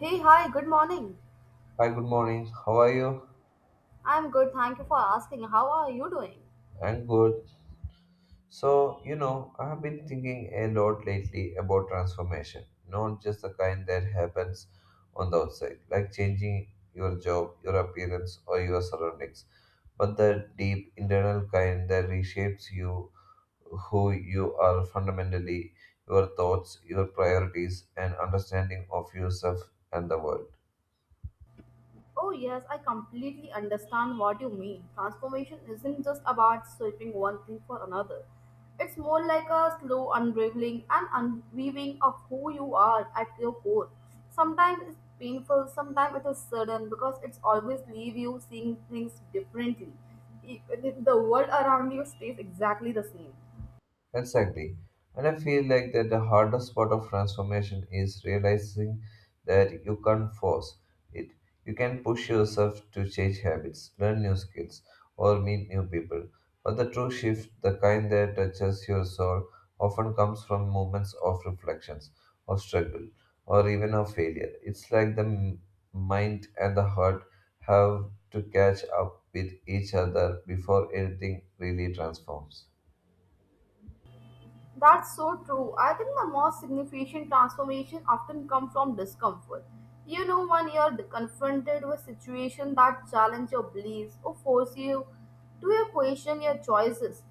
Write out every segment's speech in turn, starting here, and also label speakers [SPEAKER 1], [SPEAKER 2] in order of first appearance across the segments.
[SPEAKER 1] Hey, hi, good morning.
[SPEAKER 2] Hi, good morning. How are you?
[SPEAKER 1] I'm good, thank you for asking. How are you doing?
[SPEAKER 2] I'm good. So, I have been thinking a lot lately about transformation, not just the kind that happens on the outside, like changing your job, your appearance, or your surroundings, but the deep internal kind that reshapes you, who you are fundamentally, your thoughts, your priorities, and understanding of yourself and the world.
[SPEAKER 1] Oh, yes, I completely understand what you mean. Transformation isn't just about sweeping one thing for another, it's more like a slow unraveling and unweaving of who you are at your core. Sometimes it's painful, sometimes it is sudden because it's always leave you seeing things differently. Even if the world around you stays exactly the same.
[SPEAKER 2] Exactly. And I feel like that the hardest part of transformation is realizing that you can't force it. You can push yourself to change habits, learn new skills, or meet new people. But the true shift, the kind that touches your soul, often comes from moments of reflections, of struggle, or even of failure. It's like the mind and the heart have to catch up with each other before anything really transforms.
[SPEAKER 1] That's so true. I think the most significant transformation often come from discomfort. You know, when you're confronted with situation that challenge your beliefs or force you to question your choices,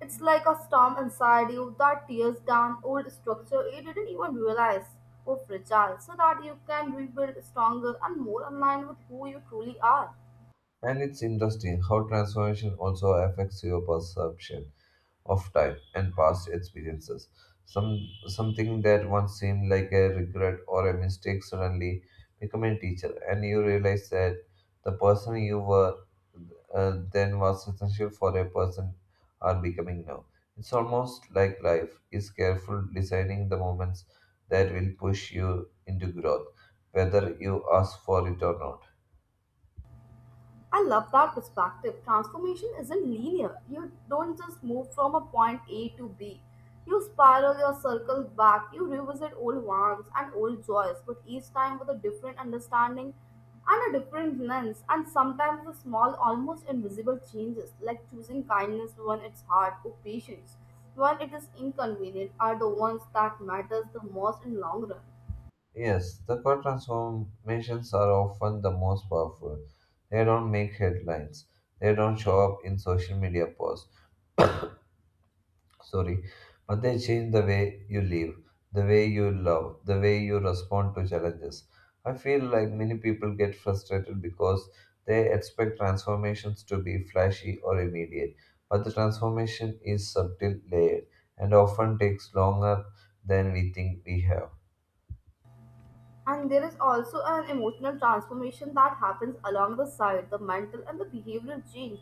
[SPEAKER 1] it's like a storm inside you that tears down old structure you didn't even realize were fragile, so that you can rebuild stronger and more aligned with who you truly are.
[SPEAKER 2] And it's interesting how transformation also affects your perception of time and past experiences. Something that once seemed like a regret or a mistake suddenly become a teacher, and you realize that the person you were then was essential for a person are becoming now. It's almost like life is careful designing the moments that will push you into growth, whether you ask for it or not.
[SPEAKER 1] I love that perspective. Transformation isn't linear. You don't just move from a point A to B. You spiral your circle back. You revisit old wants and old joys, but each time with a different understanding and a different lens, and sometimes the small, almost invisible changes, like choosing kindness when it's hard or patience when it is inconvenient, are the ones that matters the most in long run.
[SPEAKER 2] Yes, the core transformations are often the most powerful. They don't make headlines. They don't show up in social media posts. Sorry, but they change the way you live, the way you love, the way you respond to challenges. I feel like many people get frustrated because they expect transformations to be flashy or immediate, but the transformation is subtle, layered, and often takes longer than we think we have.
[SPEAKER 1] And there is also an emotional transformation that happens along the side, the mental and the behavioral change.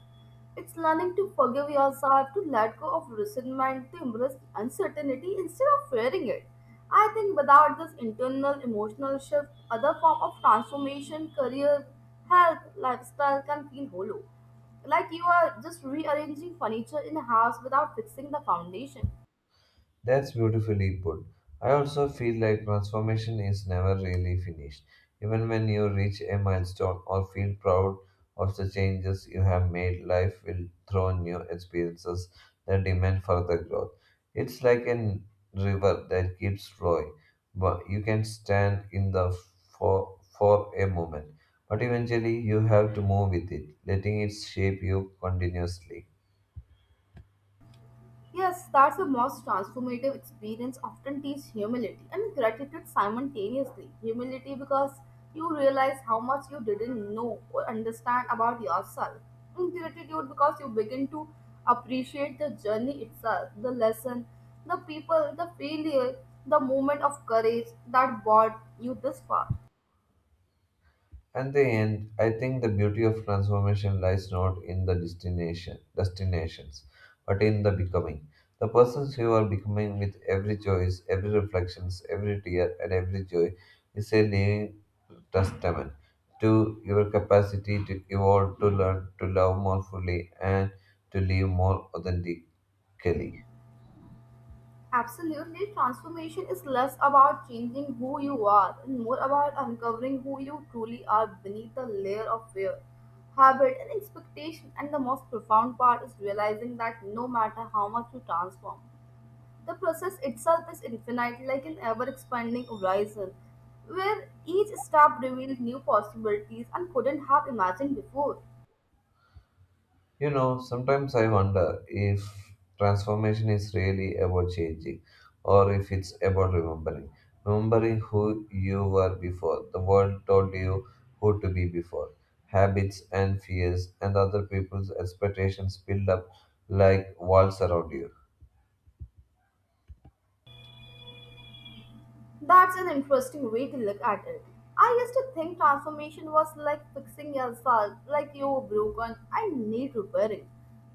[SPEAKER 1] It's learning to forgive yourself, to let go of resentment, to embrace uncertainty instead of fearing it. I think without this internal emotional shift, other form of transformation, career, health, lifestyle can feel hollow. Like you are just rearranging furniture in a house without fixing the foundation.
[SPEAKER 2] That's beautifully put. I also feel like transformation is never really finished. Even when you reach a milestone or feel proud of the changes you have made, life will throw new experiences that demand further growth. It's like a river that keeps flowing, but you can stand in the for a moment, but eventually you have to move with it, letting it shape you continuously.
[SPEAKER 1] Yes, that's the most transformative experience often teach humility and gratitude simultaneously. Humility because you realize how much you didn't know or understand about yourself. And gratitude because you begin to appreciate the journey itself, the lesson, the people, the failure, the moment of courage that brought you this far.
[SPEAKER 2] At the end, I think the beauty of transformation lies not in the destinations, but in the becoming. The persons you are becoming with every choice, every reflections, every tear, and every joy is a living testament to your capacity to evolve, to learn, to love more fully, and to live more authentically.
[SPEAKER 1] Absolutely, transformation is less about changing who you are and more about uncovering who you truly are beneath the layer of fear, habit, and expectation. And the most profound part is realizing that no matter how much you transform, the process itself is infinite, like an ever expanding horizon, where each step reveals new possibilities and couldn't have imagined before.
[SPEAKER 2] You know, sometimes I wonder if transformation is really about changing or if it's about remembering. Remembering who you were before, the world told you who to be before. Habits and fears and other people's expectations build up like walls around you.
[SPEAKER 1] That's an interesting way to look at it. I used to think transformation was like fixing yourself, like you were broken and need repairing.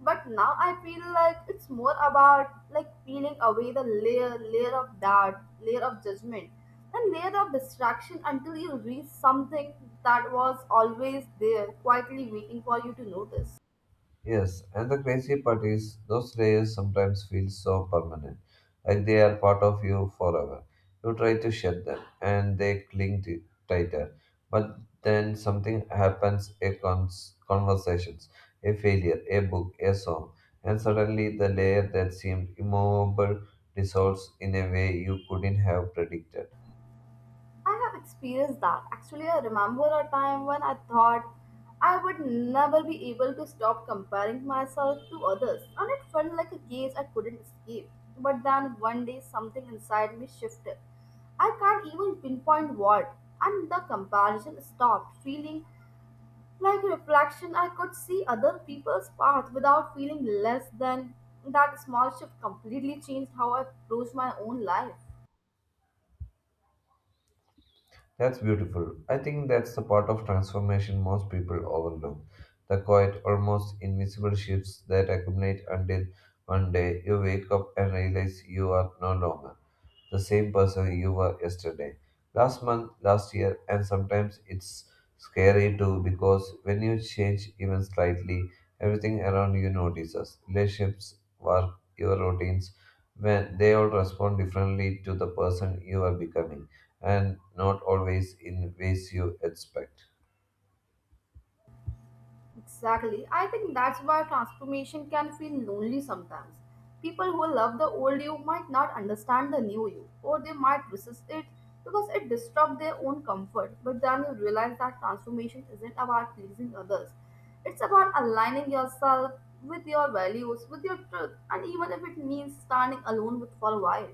[SPEAKER 1] But now I feel like it's more about like peeling away the layer, layer of doubt, layer of judgment, and layer of distraction until you reach something that was always there, quietly waiting for you to notice.
[SPEAKER 2] Yes, and the crazy part is those layers sometimes feel so permanent, like they are part of you forever. You try to shed them, and they cling to tighter. But then something happens: a conversations, a failure, a book, a song, and suddenly the layer that seemed immovable dissolves in a way you couldn't have predicted.
[SPEAKER 1] I have experienced that. Actually, I remember a time when I thought I would never be able to stop comparing myself to others, and it felt like a cage I couldn't escape. But then one day, something inside me shifted. I can't even pinpoint what, and the comparison stopped, feeling like a reflection. I could see other people's path without feeling less than. That small shift completely changed how I approached my own life.
[SPEAKER 2] That's beautiful. I think that's the part of transformation most people overlook. The quiet, almost invisible shifts that accumulate until one day you wake up and realize you are no longer the same person you were yesterday, last month, last year, and sometimes it's scary too because when you change even slightly, everything around you notices. Relationships, work, your routines, when they all respond differently to the person you are becoming and not always in ways you expect.
[SPEAKER 1] Exactly. I think that's why transformation can feel lonely sometimes. People who love the old you might not understand the new you, or they might resist it because it disrupts their own comfort. But then you realize that transformation isn't about pleasing others, it's about aligning yourself with your values, with your truth, and even if it means standing alone with for a while.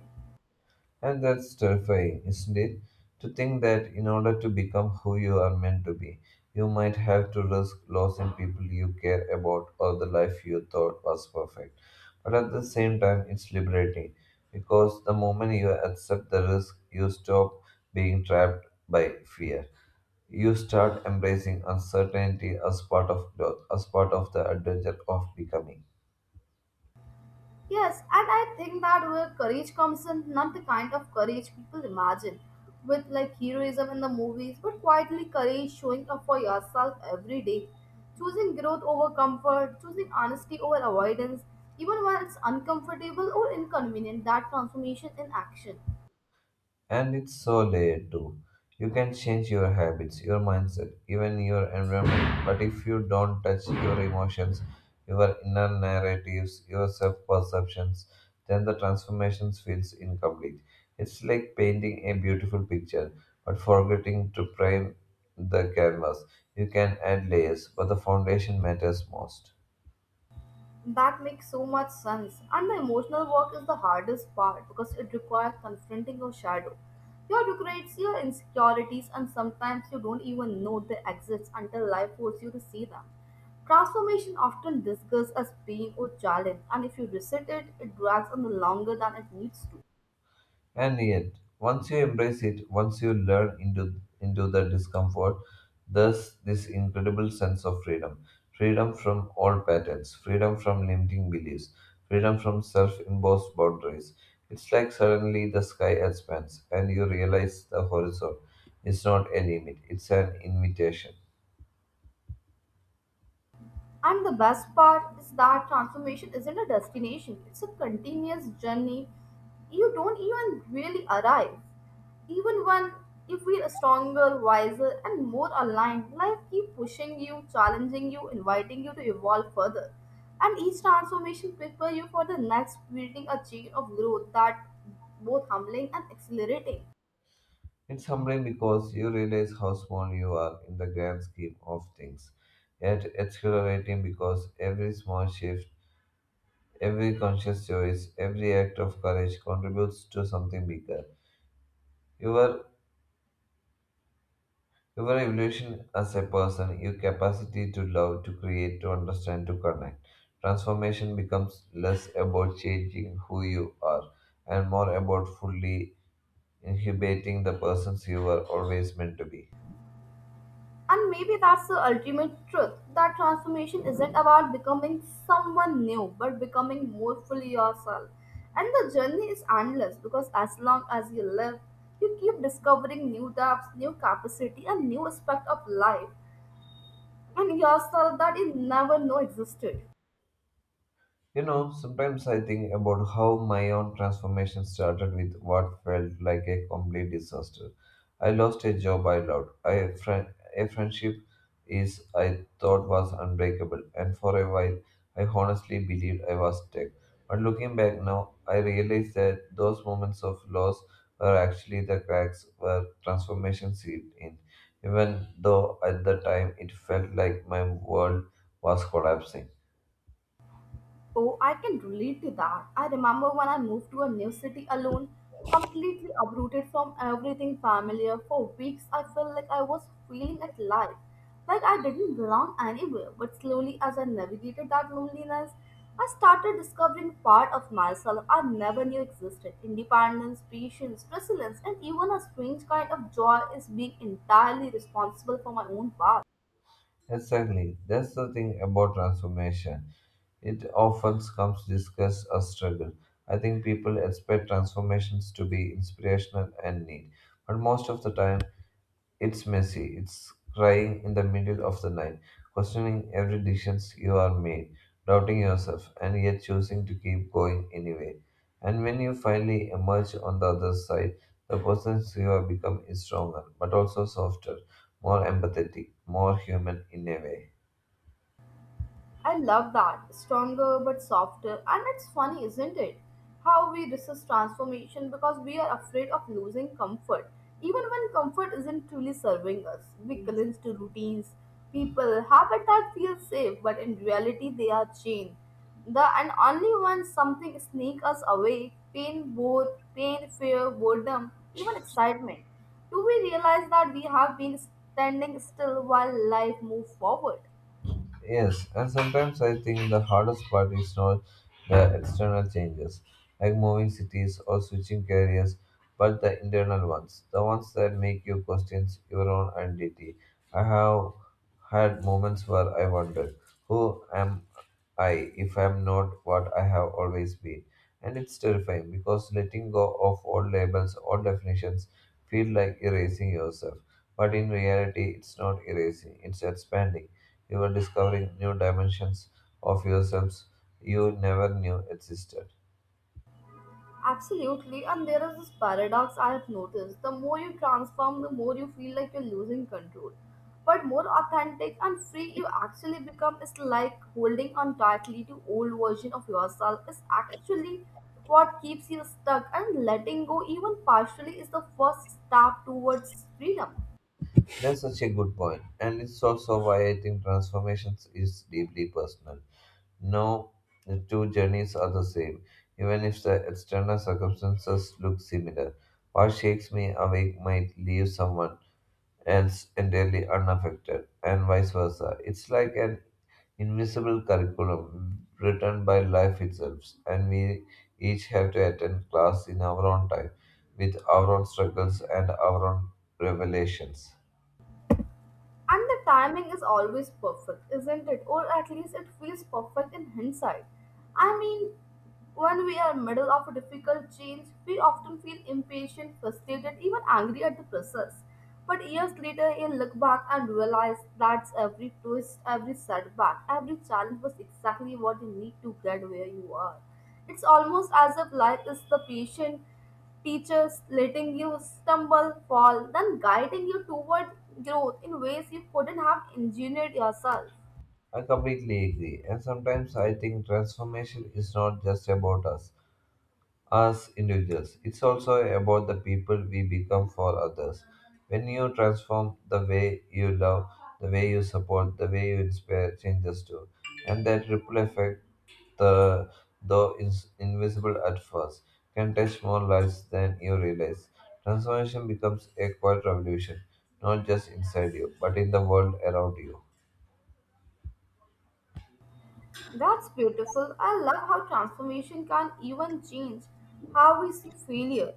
[SPEAKER 2] And that's terrifying, isn't it? To think that in order to become who you are meant to be, you might have to risk losing people you care about or the life you thought was perfect. But at the same time, it's liberating because the moment you accept the risk, you stop being trapped by fear. You start embracing uncertainty as part of growth, as part of the adventure of becoming.
[SPEAKER 1] Yes, and I think that where courage comes in, not the kind of courage people imagine, with like heroism in the movies, but quietly courage showing up for yourself every day. Choosing growth over comfort, choosing honesty over avoidance, even when it's uncomfortable or inconvenient, that transformation in action.
[SPEAKER 2] And it's so layered too. You can change your habits, your mindset, even your environment, but if you don't touch your emotions, your inner narratives, your self perceptions, then the transformation feels incomplete. It's like painting a beautiful picture, but forgetting to prime the canvas. You can add layers, but the foundation matters most.
[SPEAKER 1] That makes so much sense. And the emotional work is the hardest part because it requires confronting your shadow. Your regrets, your insecurities, and sometimes you don't even know they exist until life forces you to see them. Transformation often disguised as pain or challenge, and if you resist it, it drags on longer than it needs to.
[SPEAKER 2] And yet, once you embrace it, once you into the discomfort, thus this incredible sense of freedom. Freedom from all patterns, freedom from limiting beliefs, freedom from self-imposed boundaries. It's like suddenly the sky expands and you realize the horizon is not a limit, it's an invitation.
[SPEAKER 1] And the best part is that transformation isn't a destination, it's a continuous journey. You don't even really arrive. Even when if we're stronger, wiser, and more aligned, life keep pushing you, challenging you, inviting you to evolve further. And each transformation prepare you for the next, building a chain of growth that both humbling and exhilarating.
[SPEAKER 2] It's humbling because you realize how small you are in the grand scheme of things, yet exhilarating because every small shift every conscious choice, every act of courage contributes to something bigger. Your your evolution as a person, your capacity to love, to create, to understand, to connect. Transformation becomes less about changing who you are and more about fully inhibiting the persons you were always meant to be.
[SPEAKER 1] And maybe that's the ultimate truth that transformation isn't about becoming someone new, but becoming more fully yourself. And the journey is endless because as long as you live, you keep discovering new depths, new capacity, and new aspect of life and yourself that you never know existed.
[SPEAKER 2] You know, sometimes I think about how my own transformation started with what felt like a complete disaster. I lost a job I loved, I friendship is I thought was unbreakable, and for a while I honestly believed I was stuck. But looking back now, I realize that those moments of loss were actually the cracks where transformation seeped in, even though at the time it felt like my world was collapsing.
[SPEAKER 1] Oh, I can relate to that. I remember when I moved to a new city alone, completely uprooted from everything familiar. For weeks, I felt like I was failing at life, like I didn't belong anywhere. But slowly, as I navigated that loneliness, I started discovering part of myself I never knew existed. Independence, patience, resilience, and even a strange kind of joy is being entirely responsible for my own past.
[SPEAKER 2] Exactly. That's the thing about transformation. It often comes discussed as struggle. I think people expect transformations to be inspirational and neat, but most of the time it's messy. It's crying in the middle of the night, questioning every decision you are made, doubting yourself, and yet choosing to keep going anyway. And when you finally emerge on the other side, the person you have become is stronger, but also softer, more empathetic, more human in a way.
[SPEAKER 1] I love that. Stronger but softer. And it's funny, isn't it? How we resist transformation because we are afraid of losing comfort. Even when comfort isn't truly serving us, we cling to routines, people, habit that feel safe, but in reality they are chained. The and only when something sneaks us away, pain, both pain, fear, boredom, even excitement, do we realize that we have been standing still while life moves forward?
[SPEAKER 2] Yes, and sometimes I think the hardest part is not the external changes, like moving cities or switching careers, but the internal ones, the ones that make you question your own identity. I have had moments where I wondered, who am I if I am not what I have always been? And it's terrifying because letting go of all labels, all definitions, feel like erasing yourself. But in reality, it's not erasing, it's expanding you are discovering new dimensions of yourselves you never knew existed.
[SPEAKER 1] Absolutely, and there is this paradox I have noticed. The more you transform, the more you feel like you're losing control. But more authentic and free you actually become is like holding on tightly to old version of yourself is actually what keeps you stuck and letting go even partially is the first step towards freedom.
[SPEAKER 2] That's such a good point, and it's also why I think transformations is deeply personal. No two journeys are the same, even if the external circumstances look similar. What shakes me awake might leave someone else entirely unaffected, and vice versa. It's like an invisible curriculum written by life itself, and we each have to attend class in our own time, with our own struggles and our own revelations.
[SPEAKER 1] And the timing is always perfect, isn't it? Or at least it feels perfect in hindsight. I mean, when we are middle of a difficult change, we often feel impatient, frustrated, even angry at the process. But years later, you look back and realize that every twist, every setback, every challenge was exactly what you need to get where you are. It's almost as if life is the patient teachers letting you stumble, fall, then guiding you toward growth in ways you couldn't have engineered yourself.
[SPEAKER 2] I completely agree, and sometimes I think transformation is not just about us. As individuals. It's also about the people we become for others. When you transform the way you love, the way you support, the way you inspire changes too. And that ripple effect, the, though is invisible at first, can touch more lives than you realize. Transformation becomes a quiet revolution, not just inside you, but in the world around you.
[SPEAKER 1] That's beautiful. I love how transformation can even change how we see failure.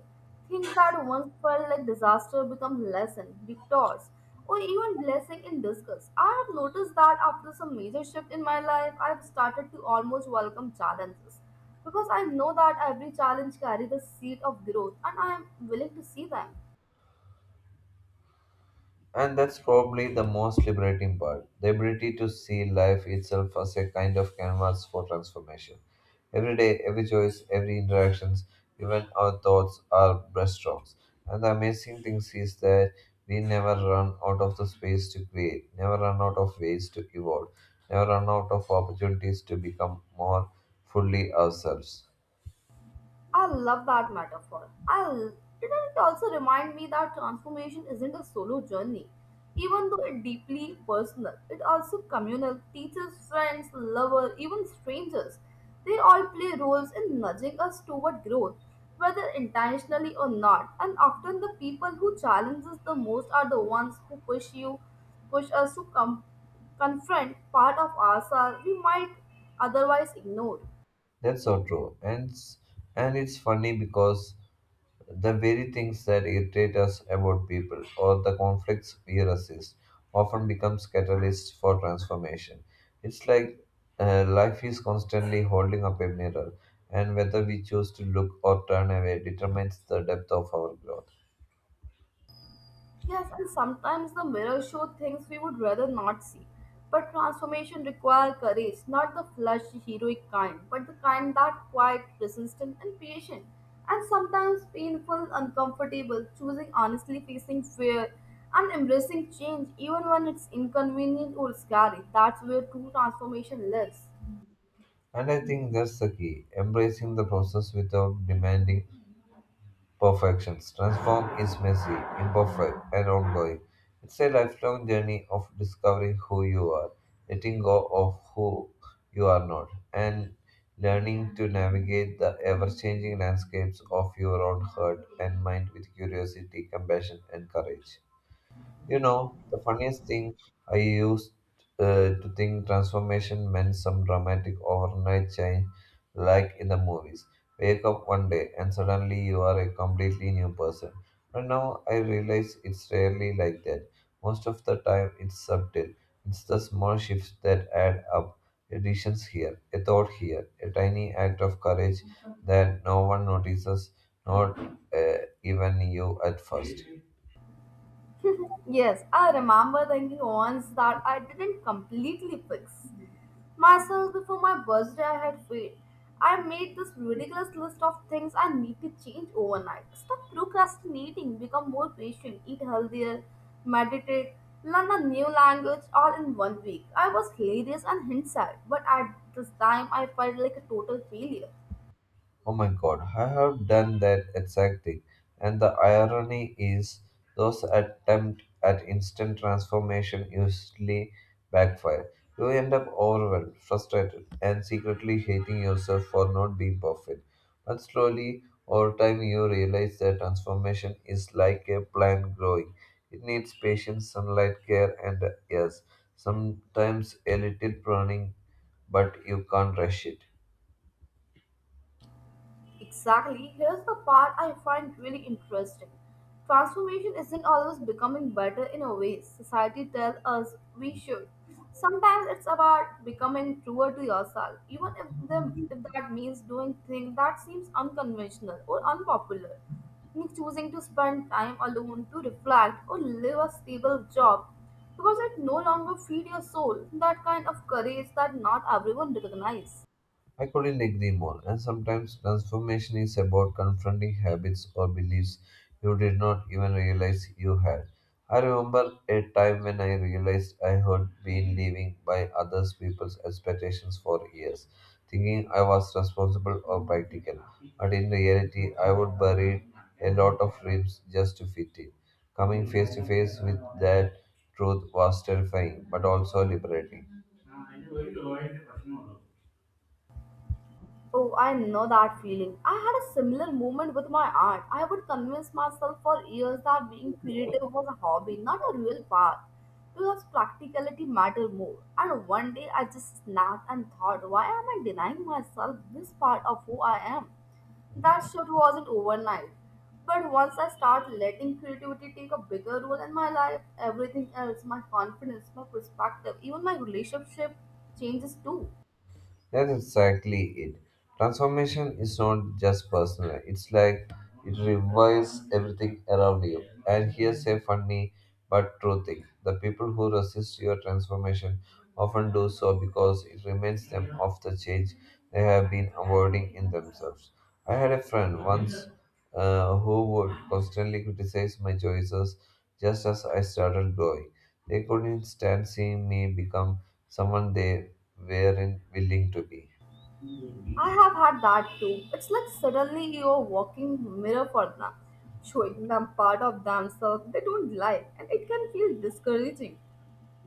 [SPEAKER 1] Things that once felt like disaster become lesson, victors, or even blessing in disguise. I have noticed that after some major shift in my life, I've started to almost welcome challenges because I know that every challenge carries the seed of growth, and I am willing to see them.
[SPEAKER 2] And that's probably the most liberating part the ability to see life itself as a kind of canvas for transformation. Every day, every choice, every interactions, even our thoughts are brushstrokes. And the amazing thing is that we never run out of the space to create, never run out of ways to evolve, never run out of opportunities to become more fully ourselves.
[SPEAKER 1] I love that metaphor. I l- it also reminds me that transformation isn't a solo journey, even though it's deeply personal. It also communal. Teachers, friends, lovers, even strangers, they all play roles in nudging us toward growth, whether intentionally or not. And often the people who challenge us the most are the ones who push you, push us to come confront part of ourselves we might otherwise ignore.
[SPEAKER 2] That's so true. And it's funny because the very things that irritate us about people or the conflicts we resist often becomes catalysts for transformation. It's like life is constantly holding up a mirror, and whether we choose to look or turn away determines the depth of our growth.
[SPEAKER 1] Yes, and sometimes the mirror show things we would rather not see. But transformation requires courage, not the flush heroic kind, but the kind that quiet, persistent, and patient, and sometimes painful, uncomfortable, choosing honestly facing fear and embracing change even when it's inconvenient or scary. That's where true transformation lives.
[SPEAKER 2] And I think that's the key embracing the process without demanding perfections. Transform is messy, imperfect, and ongoing. It's a lifelong journey of discovering who you are, letting go of who you are not, and learning to navigate the ever changing landscapes of your own heart and mind with curiosity, compassion, and courage. You know, the funniest thing I used to think transformation meant some dramatic overnight change, like in the movies. Wake up one day and suddenly you are a completely new person. But now I realize it's rarely like that. Most of the time, it's subtle. It's the small shifts that add up. Additions here, a thought here, a tiny act of courage that no one notices, not uh, even you at first.
[SPEAKER 1] Yes, I remember thinking once that I didn't completely fix myself before my birthday I had failed. I made this ridiculous list of things I need to change overnight. Stop procrastinating, become more patient, eat healthier, meditate, learn a new language all in one week. I was hilarious and hindsight, but at this time I felt like a total failure.
[SPEAKER 2] Oh my god, I have done that exact thing. And the irony is, those attempts at instant transformation usually backfire. You end up overwhelmed, frustrated, and secretly hating yourself for not being perfect. But slowly, over time, you realize that transformation is like a plant growing. It needs patience, sunlight, care, and yes, sometimes a little pruning, but you can't rush it.
[SPEAKER 1] Exactly. Here's the part I find really interesting. Transformation isn't always becoming better in a way society tells us we should. Sometimes it's about becoming truer to yourself, even if that means doing things that seems unconventional or unpopular. Like choosing to spend time alone to reflect or live a stable job because it no longer feeds your soul. That kind of courage that not everyone recognizes.
[SPEAKER 2] I couldn't agree more. And sometimes transformation is about confronting habits or beliefs you did not even realize you had. I remember a time when I realized I had been living by others people's expectations for years, thinking I was responsible or practical. But in reality, I would bury a lot of dreams just to fit in. Coming face to face with that truth was terrifying, but also liberating.
[SPEAKER 1] Oh, I know that feeling. I had a similar moment with my art. I would convince myself for years that being creative was a hobby, not a real path, because practicality mattered more. And one day I just snapped and thought, why am I denying myself this part of who I am? That shift wasn't overnight. But once I start letting creativity take a bigger role in my life, everything else, my confidence, my perspective, even my relationship changes too.
[SPEAKER 2] That's exactly it. Transformation is not just personal, it's like it revives everything around you. And here's a funny but true thing, the people who resist your transformation often do so because it reminds them of the change they have been avoiding in themselves. I had a friend once who would constantly criticize my choices just as I started growing. They couldn't stand seeing me become someone they weren't willing to be.
[SPEAKER 1] I have had that too. It's like suddenly you're walking mirror for them, showing them part of themselves they don't like, and it can feel discouraging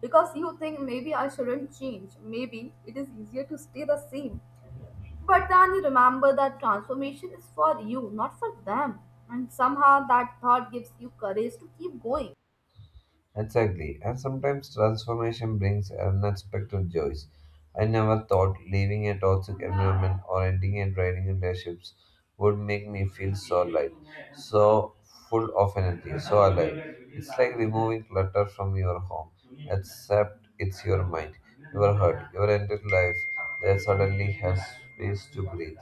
[SPEAKER 1] because you think maybe I shouldn't change, maybe it is easier to stay the same. But then you remember that transformation is for you, not for them, and somehow that thought gives you courage to keep going.
[SPEAKER 2] Exactly. And sometimes transformation brings unexpected joys. I never thought leaving a toxic environment or ending a draining relationships would make me feel so light, so full of energy, so alive. It's like removing clutter from your home, except it's your mind, your heart, your entire life that suddenly has space to breathe.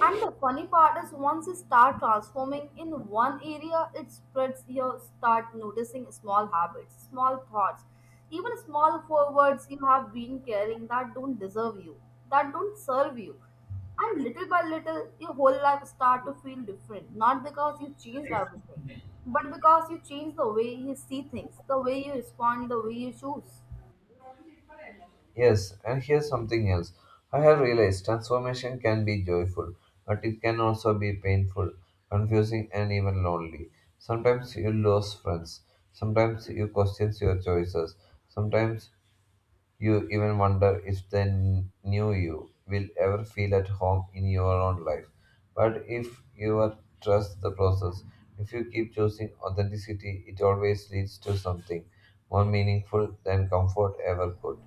[SPEAKER 1] And the funny part is, once you start transforming in one area, it spreads. You start noticing small habits, small thoughts, even small forwards you have been carrying that don't deserve you, that don't serve you. And little by little, your whole life start to feel different. Not because you changed everything, but because you change the way you see things, the way you respond, the way you choose.
[SPEAKER 2] Yes, and here's something else. I have realized transformation can be joyful, but it can also be painful, confusing, and even lonely. Sometimes you lose friends. Sometimes you question your choices. Sometimes you even wonder if the new you will ever feel at home in your own life. But if you are- trust the process, if you keep choosing authenticity, it always leads to something more meaningful than comfort ever could.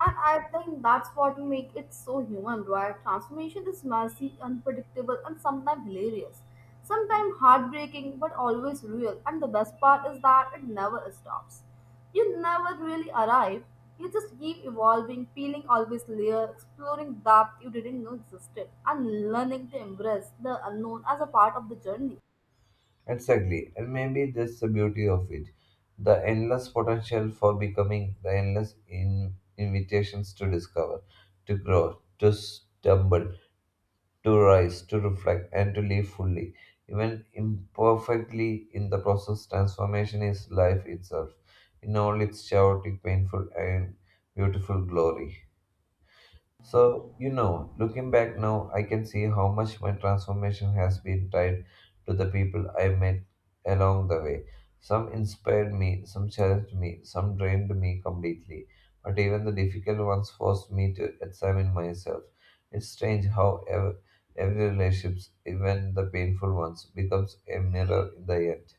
[SPEAKER 1] And I think that's what makes it so human, right? Transformation is messy, unpredictable, and sometimes hilarious. Sometimes heartbreaking, but always real. And the best part is that it never stops. You never really arrive. You just keep evolving, peeling always layer, exploring depth you didn't know existed, and learning to embrace the unknown as a part of the journey.
[SPEAKER 2] Exactly, and maybe that's the beauty of it. The endless potential for becoming, the endless invitations to discover, to grow, to stumble, to rise, to reflect, and to live fully. Even imperfectly in the process, transformation is life itself, in all its chaotic, painful, and beautiful glory. So, you know, looking back now, I can see how much my transformation has been tied to the people I met along the way. Some inspired me, some challenged me, some drained me completely. But even the difficult ones forced me to examine myself. It's strange how every relationships, even the painful ones, becomes a mirror in the end.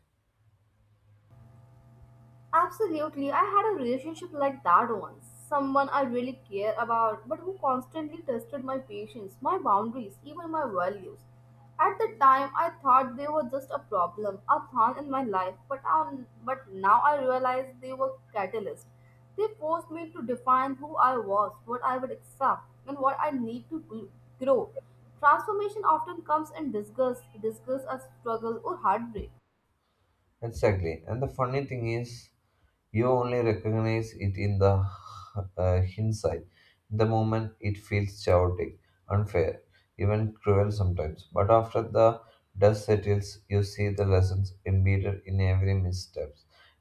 [SPEAKER 1] Absolutely. I had a relationship like that once. Someone I really care about, but who constantly tested my patience, my boundaries, even my values. At the time, I thought they were just a problem, a thorn in my life, but now I realize they were catalysts. They forced me to define who I was, what I would accept, and what I need to grow. Transformation often comes in disgust, disgust as struggle or heartbreak.
[SPEAKER 2] Exactly. And the funny thing is, you only recognize it in the hindsight. The moment it feels chaotic, unfair, even cruel sometimes. But after the dust settles, you see the lessons embedded in every misstep,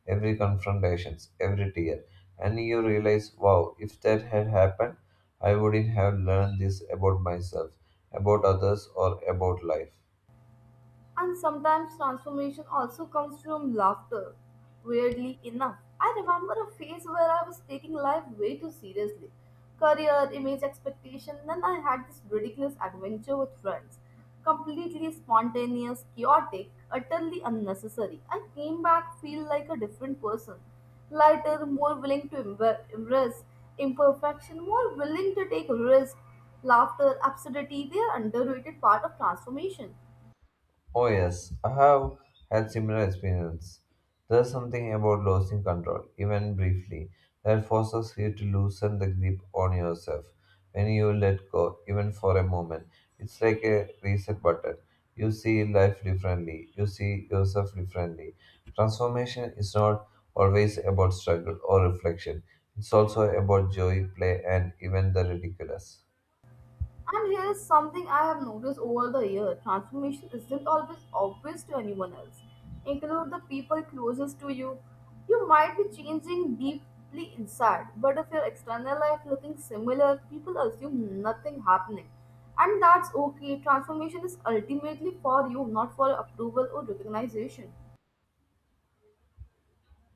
[SPEAKER 2] every confrontation, every tear. And you realize, wow, if that had happened, I wouldn't have learned this about myself, about others, or about life.
[SPEAKER 1] And sometimes transformation also comes from laughter. Weirdly enough, I remember a phase where I was taking life way too seriously. Career, image, expectation, then I had this ridiculous adventure with friends. Completely spontaneous, chaotic, utterly unnecessary. I came back feel like a different person. Lighter, more willing to embrace imperfection, more willing to take risks. Laughter, absurdity, they are underrated part of transformation.
[SPEAKER 2] Oh yes, I have had similar experience. There's something about losing control, even briefly, that forces you to loosen the grip on yourself. When you let go, even for a moment, it's like a reset button. You see life differently. You see yourself differently. Transformation is not always about struggle or reflection. It's also about joy, play, and even the ridiculous.
[SPEAKER 1] And here's something I have noticed over the year transformation isn't always obvious to anyone else. Include the people closest to you. You might be changing deeply inside, but if your external life looking similar, people assume nothing happening. And that's okay. Transformation is ultimately for you, not for approval or recognition.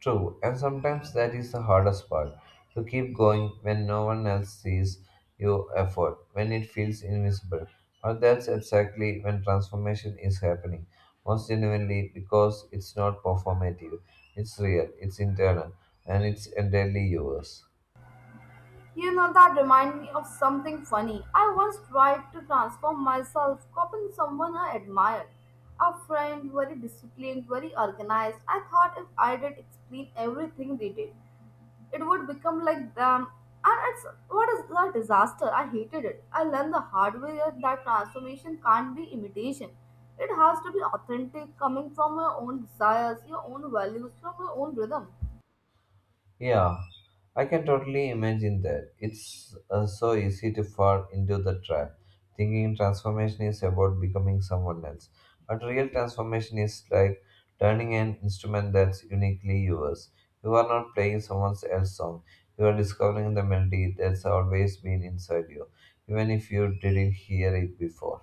[SPEAKER 2] True, and sometimes that is the hardest part, to keep going when no one else sees your effort, when it feels invisible. But that's exactly when transformation is happening, most genuinely because it's not performative, it's real, it's internal, and it's entirely yours.
[SPEAKER 1] You know, that reminds me of something funny. I once tried to transform myself, copying someone I admired. A friend, very disciplined, very organized. I thought if I did explain everything they did, it would become like them. And it's what is a disaster. I hated it. I learned the hard way that transformation can't be imitation. It has to be authentic, coming from your own desires, your own values, from your own rhythm.
[SPEAKER 2] Yeah, I can totally imagine that. It's so easy to fall into the trap, thinking transformation is about becoming someone else. But real transformation is like turning an instrument that's uniquely yours. You are not playing someone else's song, you are discovering the melody that's always been inside you, even if you didn't hear it before.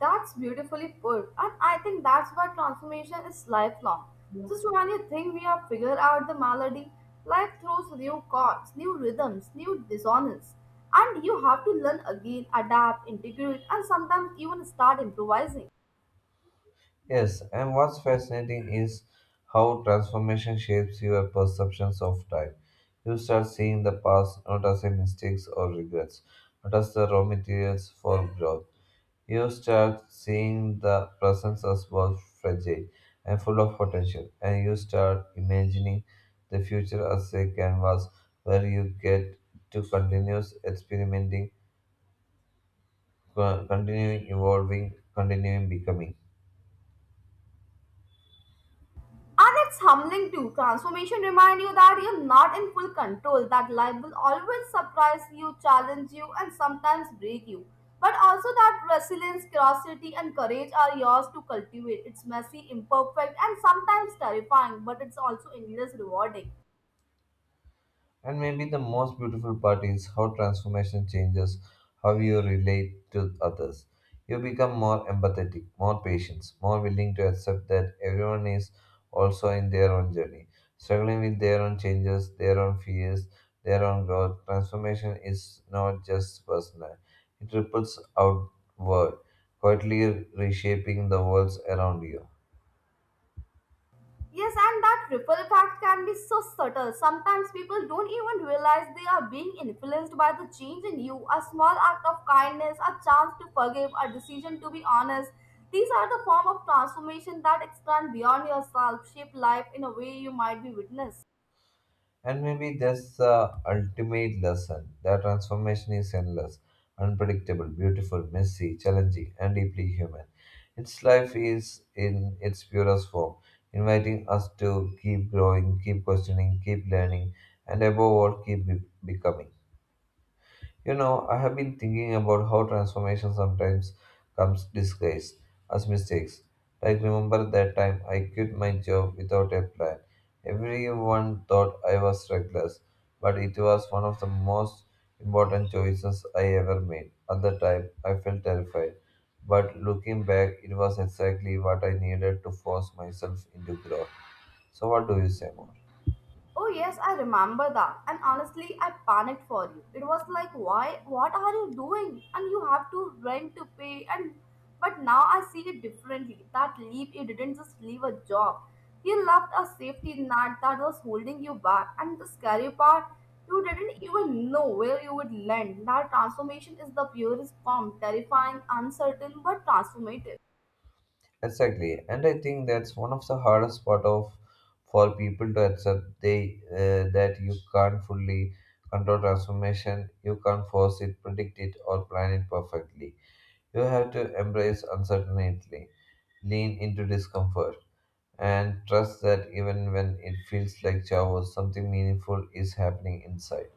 [SPEAKER 1] That's beautifully put, and I think that's why transformation is lifelong. Just when you think we have figured out the melody, life throws new chords, new rhythms, new dissonance, and you have to learn again, adapt, integrate, and sometimes even start improvising.
[SPEAKER 2] Yes, and what's fascinating is how transformation shapes your perceptions of time. You start seeing the past not as a mistakes or regrets, but as the raw materials for growth. You start seeing the present as both fragile and full of potential, and you start imagining the future as a canvas where you get to continue experimenting, continuing evolving, continuing becoming.
[SPEAKER 1] And it's humbling too. Transformation remind you that you're not in full control, that life will always surprise you, challenge you, and sometimes break you. But also that resilience, curiosity, and courage are yours to cultivate. It's messy, imperfect, and sometimes terrifying, but it's also endless rewarding.
[SPEAKER 2] And maybe the most beautiful part is how transformation changes how you relate to others. You become more empathetic, more patient, more willing to accept that everyone is also in their own journey, struggling with their own changes, their own fears, their own growth. Transformation is not just personal, it ripples outward, quietly reshaping the worlds around you.
[SPEAKER 1] Yes, and that ripple effect can be so subtle. Sometimes people don't even realize they are being influenced by the change in you. A small act of kindness, a chance to forgive, a decision to be honest. These are the form of transformation that extend beyond yourself, shape life in a way you might be witness.
[SPEAKER 2] And maybe that's the ultimate lesson, that transformation is endless, unpredictable, beautiful, messy, challenging, and deeply human. Its life is in its purest form, inviting us to keep growing, keep questioning, keep learning, and above all, keep becoming. You know, I have been thinking about how transformation sometimes comes disguised as mistakes. Like, remember that time I quit my job without a plan. Everyone thought I was reckless, but it was one of the most important choices I ever made. At the time, I felt terrified, but looking back, it was exactly what I needed to force myself into growth. So, what do you say more?
[SPEAKER 1] Oh yes, I remember that. And honestly, I panicked for you. It was like, why? What are you doing? And you have to rent to pay. And but now I see it differently. That leap, you didn't just leave a job. You left a safety net that was holding you back. And the scary part, you didn't even know where you would land. That transformation is the purest form, terrifying, uncertain, but transformative.
[SPEAKER 2] Exactly, and I think that's one of the hardest part of for people to accept they that you can't fully control transformation, you can't force it, predict it, or plan it perfectly. You have to embrace uncertainty, lean into discomfort, and trust that even when it feels like chaos, something meaningful is happening inside.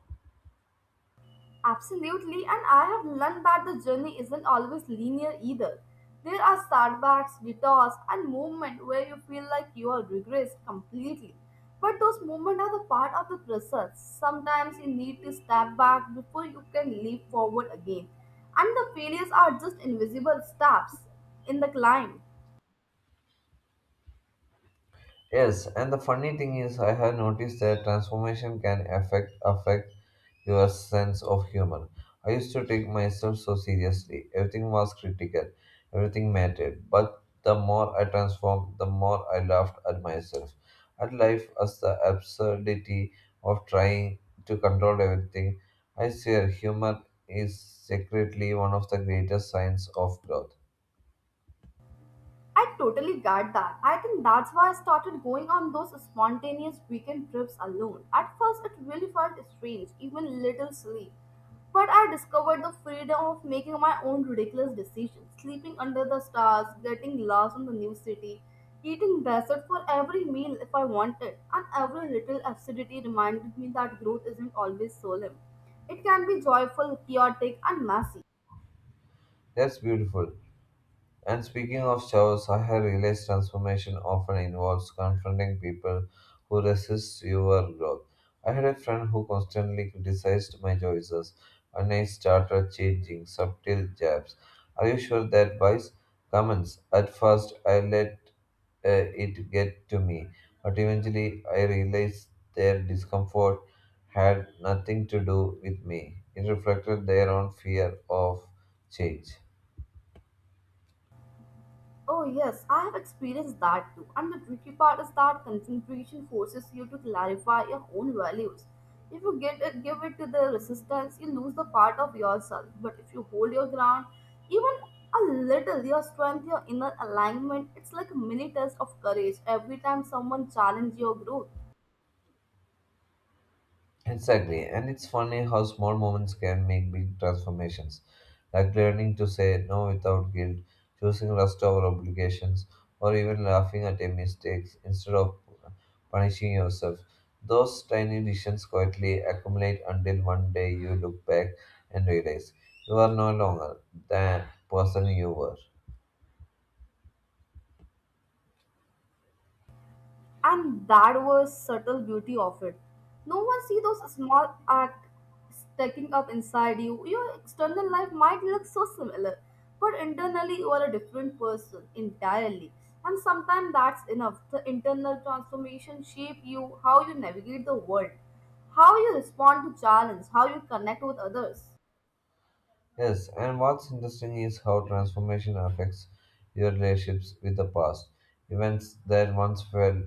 [SPEAKER 1] Absolutely, and I have learned that the journey isn't always linear either. There are setbacks, detours, and moments where you feel like you are regressed completely. But those moments are the part of the process. Sometimes you need to step back before you can leap forward again. And the failures are just invisible steps in the climb.
[SPEAKER 2] Yes, and the funny thing is, I have noticed that transformation can affect your sense of humor. I used to take myself so seriously; everything was critical, everything mattered. But the more I transformed, the more I laughed at myself, at life, as the absurdity of trying to control everything. I swear, humor is secretly one of the greatest signs of growth.
[SPEAKER 1] I totally get that. I think that's why I started going on those spontaneous weekend trips alone. At first, it really felt strange, even little silly. But I discovered the freedom of making my own ridiculous decisions, sleeping under the stars, getting lost in the new city, eating dessert for every meal if I wanted, and every little acidity reminded me that growth isn't always solemn. It can be joyful, chaotic, and messy.
[SPEAKER 2] That's beautiful. And speaking of showers, I have realized transformation often involves confronting people who resist your growth. I had a friend who constantly criticized my choices, and I started changing subtle jabs. Are you sure that buys comments? At first, I let it get to me, but eventually, I realized their discomfort had nothing to do with me. It reflected their own fear of change.
[SPEAKER 1] Oh, yes, I have experienced that too. And the tricky part is that concentration forces you to clarify your own values. If you get it, give it to the resistance, you lose the part of yourself. But if you hold your ground, even a little, your strength, your inner alignment, it's like a mini test of courage every time someone challenges your growth.
[SPEAKER 2] Exactly, and it's funny how small moments can make big transformations, like learning to say no without guilt, choosing rest over obligations, or even laughing at your mistakes instead of punishing yourself. Those tiny decisions quietly accumulate until one day you look back and realize you are no longer the person you were.
[SPEAKER 1] And that was subtle beauty of it. No one see those small acts stacking up inside you. Your external life might look so similar, but internally you are a different person entirely. And sometimes that's enough. The internal transformation shape you how you navigate the world, how you respond to challenge, how you connect with others.
[SPEAKER 2] Yes, and what's interesting is how transformation affects your relationships with the past. Events that once felt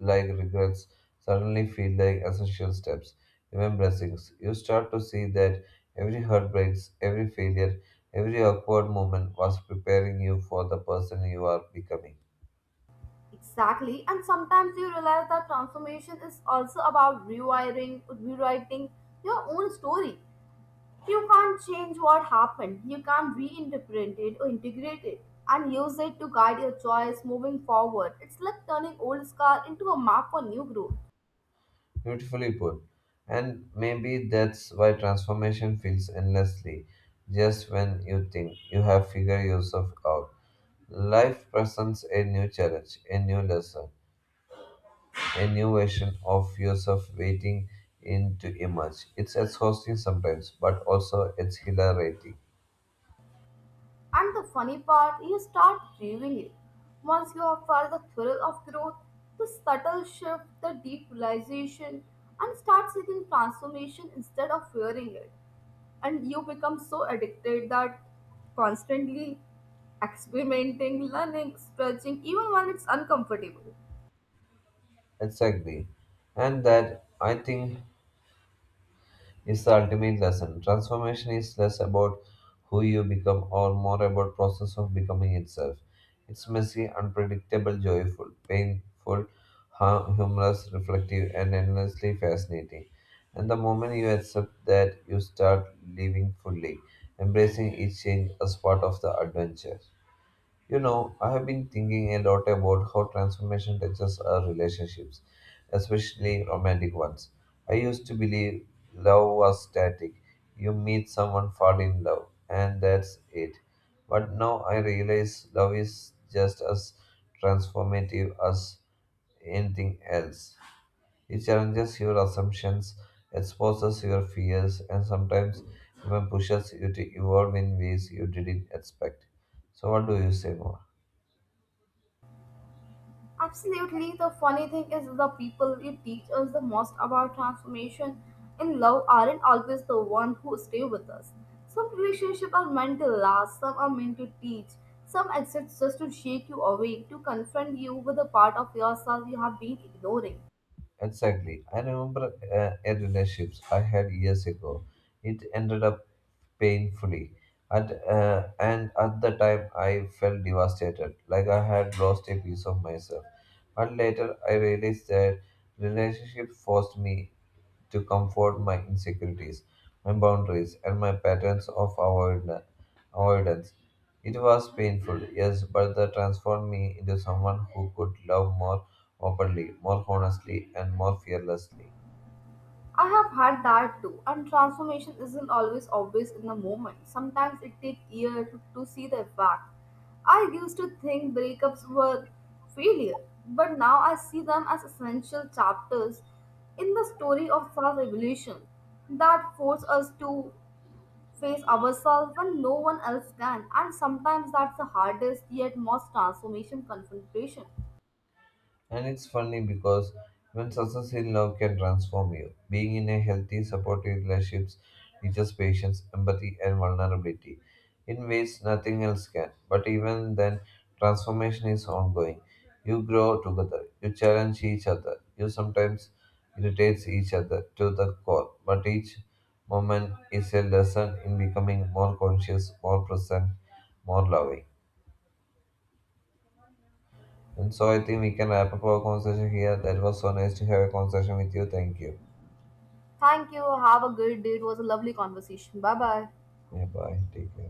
[SPEAKER 2] like regrets suddenly feel like essential steps, even blessings. You start to see that every heartbreaks, every failure, every awkward moment was preparing you for the person you are becoming.
[SPEAKER 1] Exactly, and sometimes you realize that transformation is also about rewiring, rewriting your own story. You can't change what happened. You can't reinterpret it or integrate it and use it to guide your choice moving forward. It's like turning old scar into a map for new growth.
[SPEAKER 2] Beautifully put. And maybe that's why transformation feels endlessly, just when you think you have figured yourself out. Life presents a new challenge, a new lesson, a new version of yourself waiting in to emerge. It's exhausting sometimes, but also it's exhilarating.
[SPEAKER 1] And the funny part, you start craving it. Once you have felt the thrill of growth, the subtle shift, the deep realization, and start seeking transformation instead of fearing it. And you become so addicted that constantly experimenting, learning, stretching, even when it's uncomfortable.
[SPEAKER 2] Exactly. And that I think is the ultimate lesson. Transformation is less about who you become or more about process of becoming itself. It's messy, unpredictable, joyful, painful, humorous, reflective, and endlessly fascinating. And the moment you accept that, you start living fully, embracing each change as part of the adventure. You know, I have been thinking a lot about how transformation touches our relationships, especially romantic ones. I used to believe love was static. You meet someone, fall in love, and that's it. But now I realize love is just as transformative as anything else. It challenges your assumptions, exposes your fears, and sometimes even pushes you to evolve in ways you didn't expect. So, what do you say more?
[SPEAKER 1] Absolutely. The funny thing is, the people who teach us the most about transformation in love aren't always the one who stay with us. Some relationships are meant to last, some are meant to teach, some exist just to shake you awake, to confront you with a part of yourself you have been ignoring.
[SPEAKER 2] Exactly. I remember a relationship I had years ago. It ended up painfully. And at the time, I felt devastated, like I had lost a piece of myself. But later, I realized that relationship forced me to comfort my insecurities, my boundaries, and my patterns of avoidance. It was painful, yes, but that transformed me into someone who could love more openly, more honestly, and more fearlessly.
[SPEAKER 1] I have had that too, and transformation isn't always obvious in the moment. Sometimes it takes years to see the effect. I used to think breakups were failure, but now I see them as essential chapters in the story of self evolution that force us to face ourselves when no one else can, and sometimes that's the hardest yet most transformation confrontation.
[SPEAKER 2] And it's funny because even success in love can transform you. Being in a healthy, supportive relationship teaches patience, empathy, and vulnerability in ways nothing else can. But even then, transformation is ongoing. You grow together, you challenge each other, you sometimes irritate each other to the core, but each moment is a lesson in becoming more conscious, more present, more loving. And so I think we can wrap up our conversation here. That was so nice to have a conversation with you. Thank you.
[SPEAKER 1] Thank you. Have a great day. It was a lovely conversation. Bye bye.
[SPEAKER 2] Yeah, bye. Take care.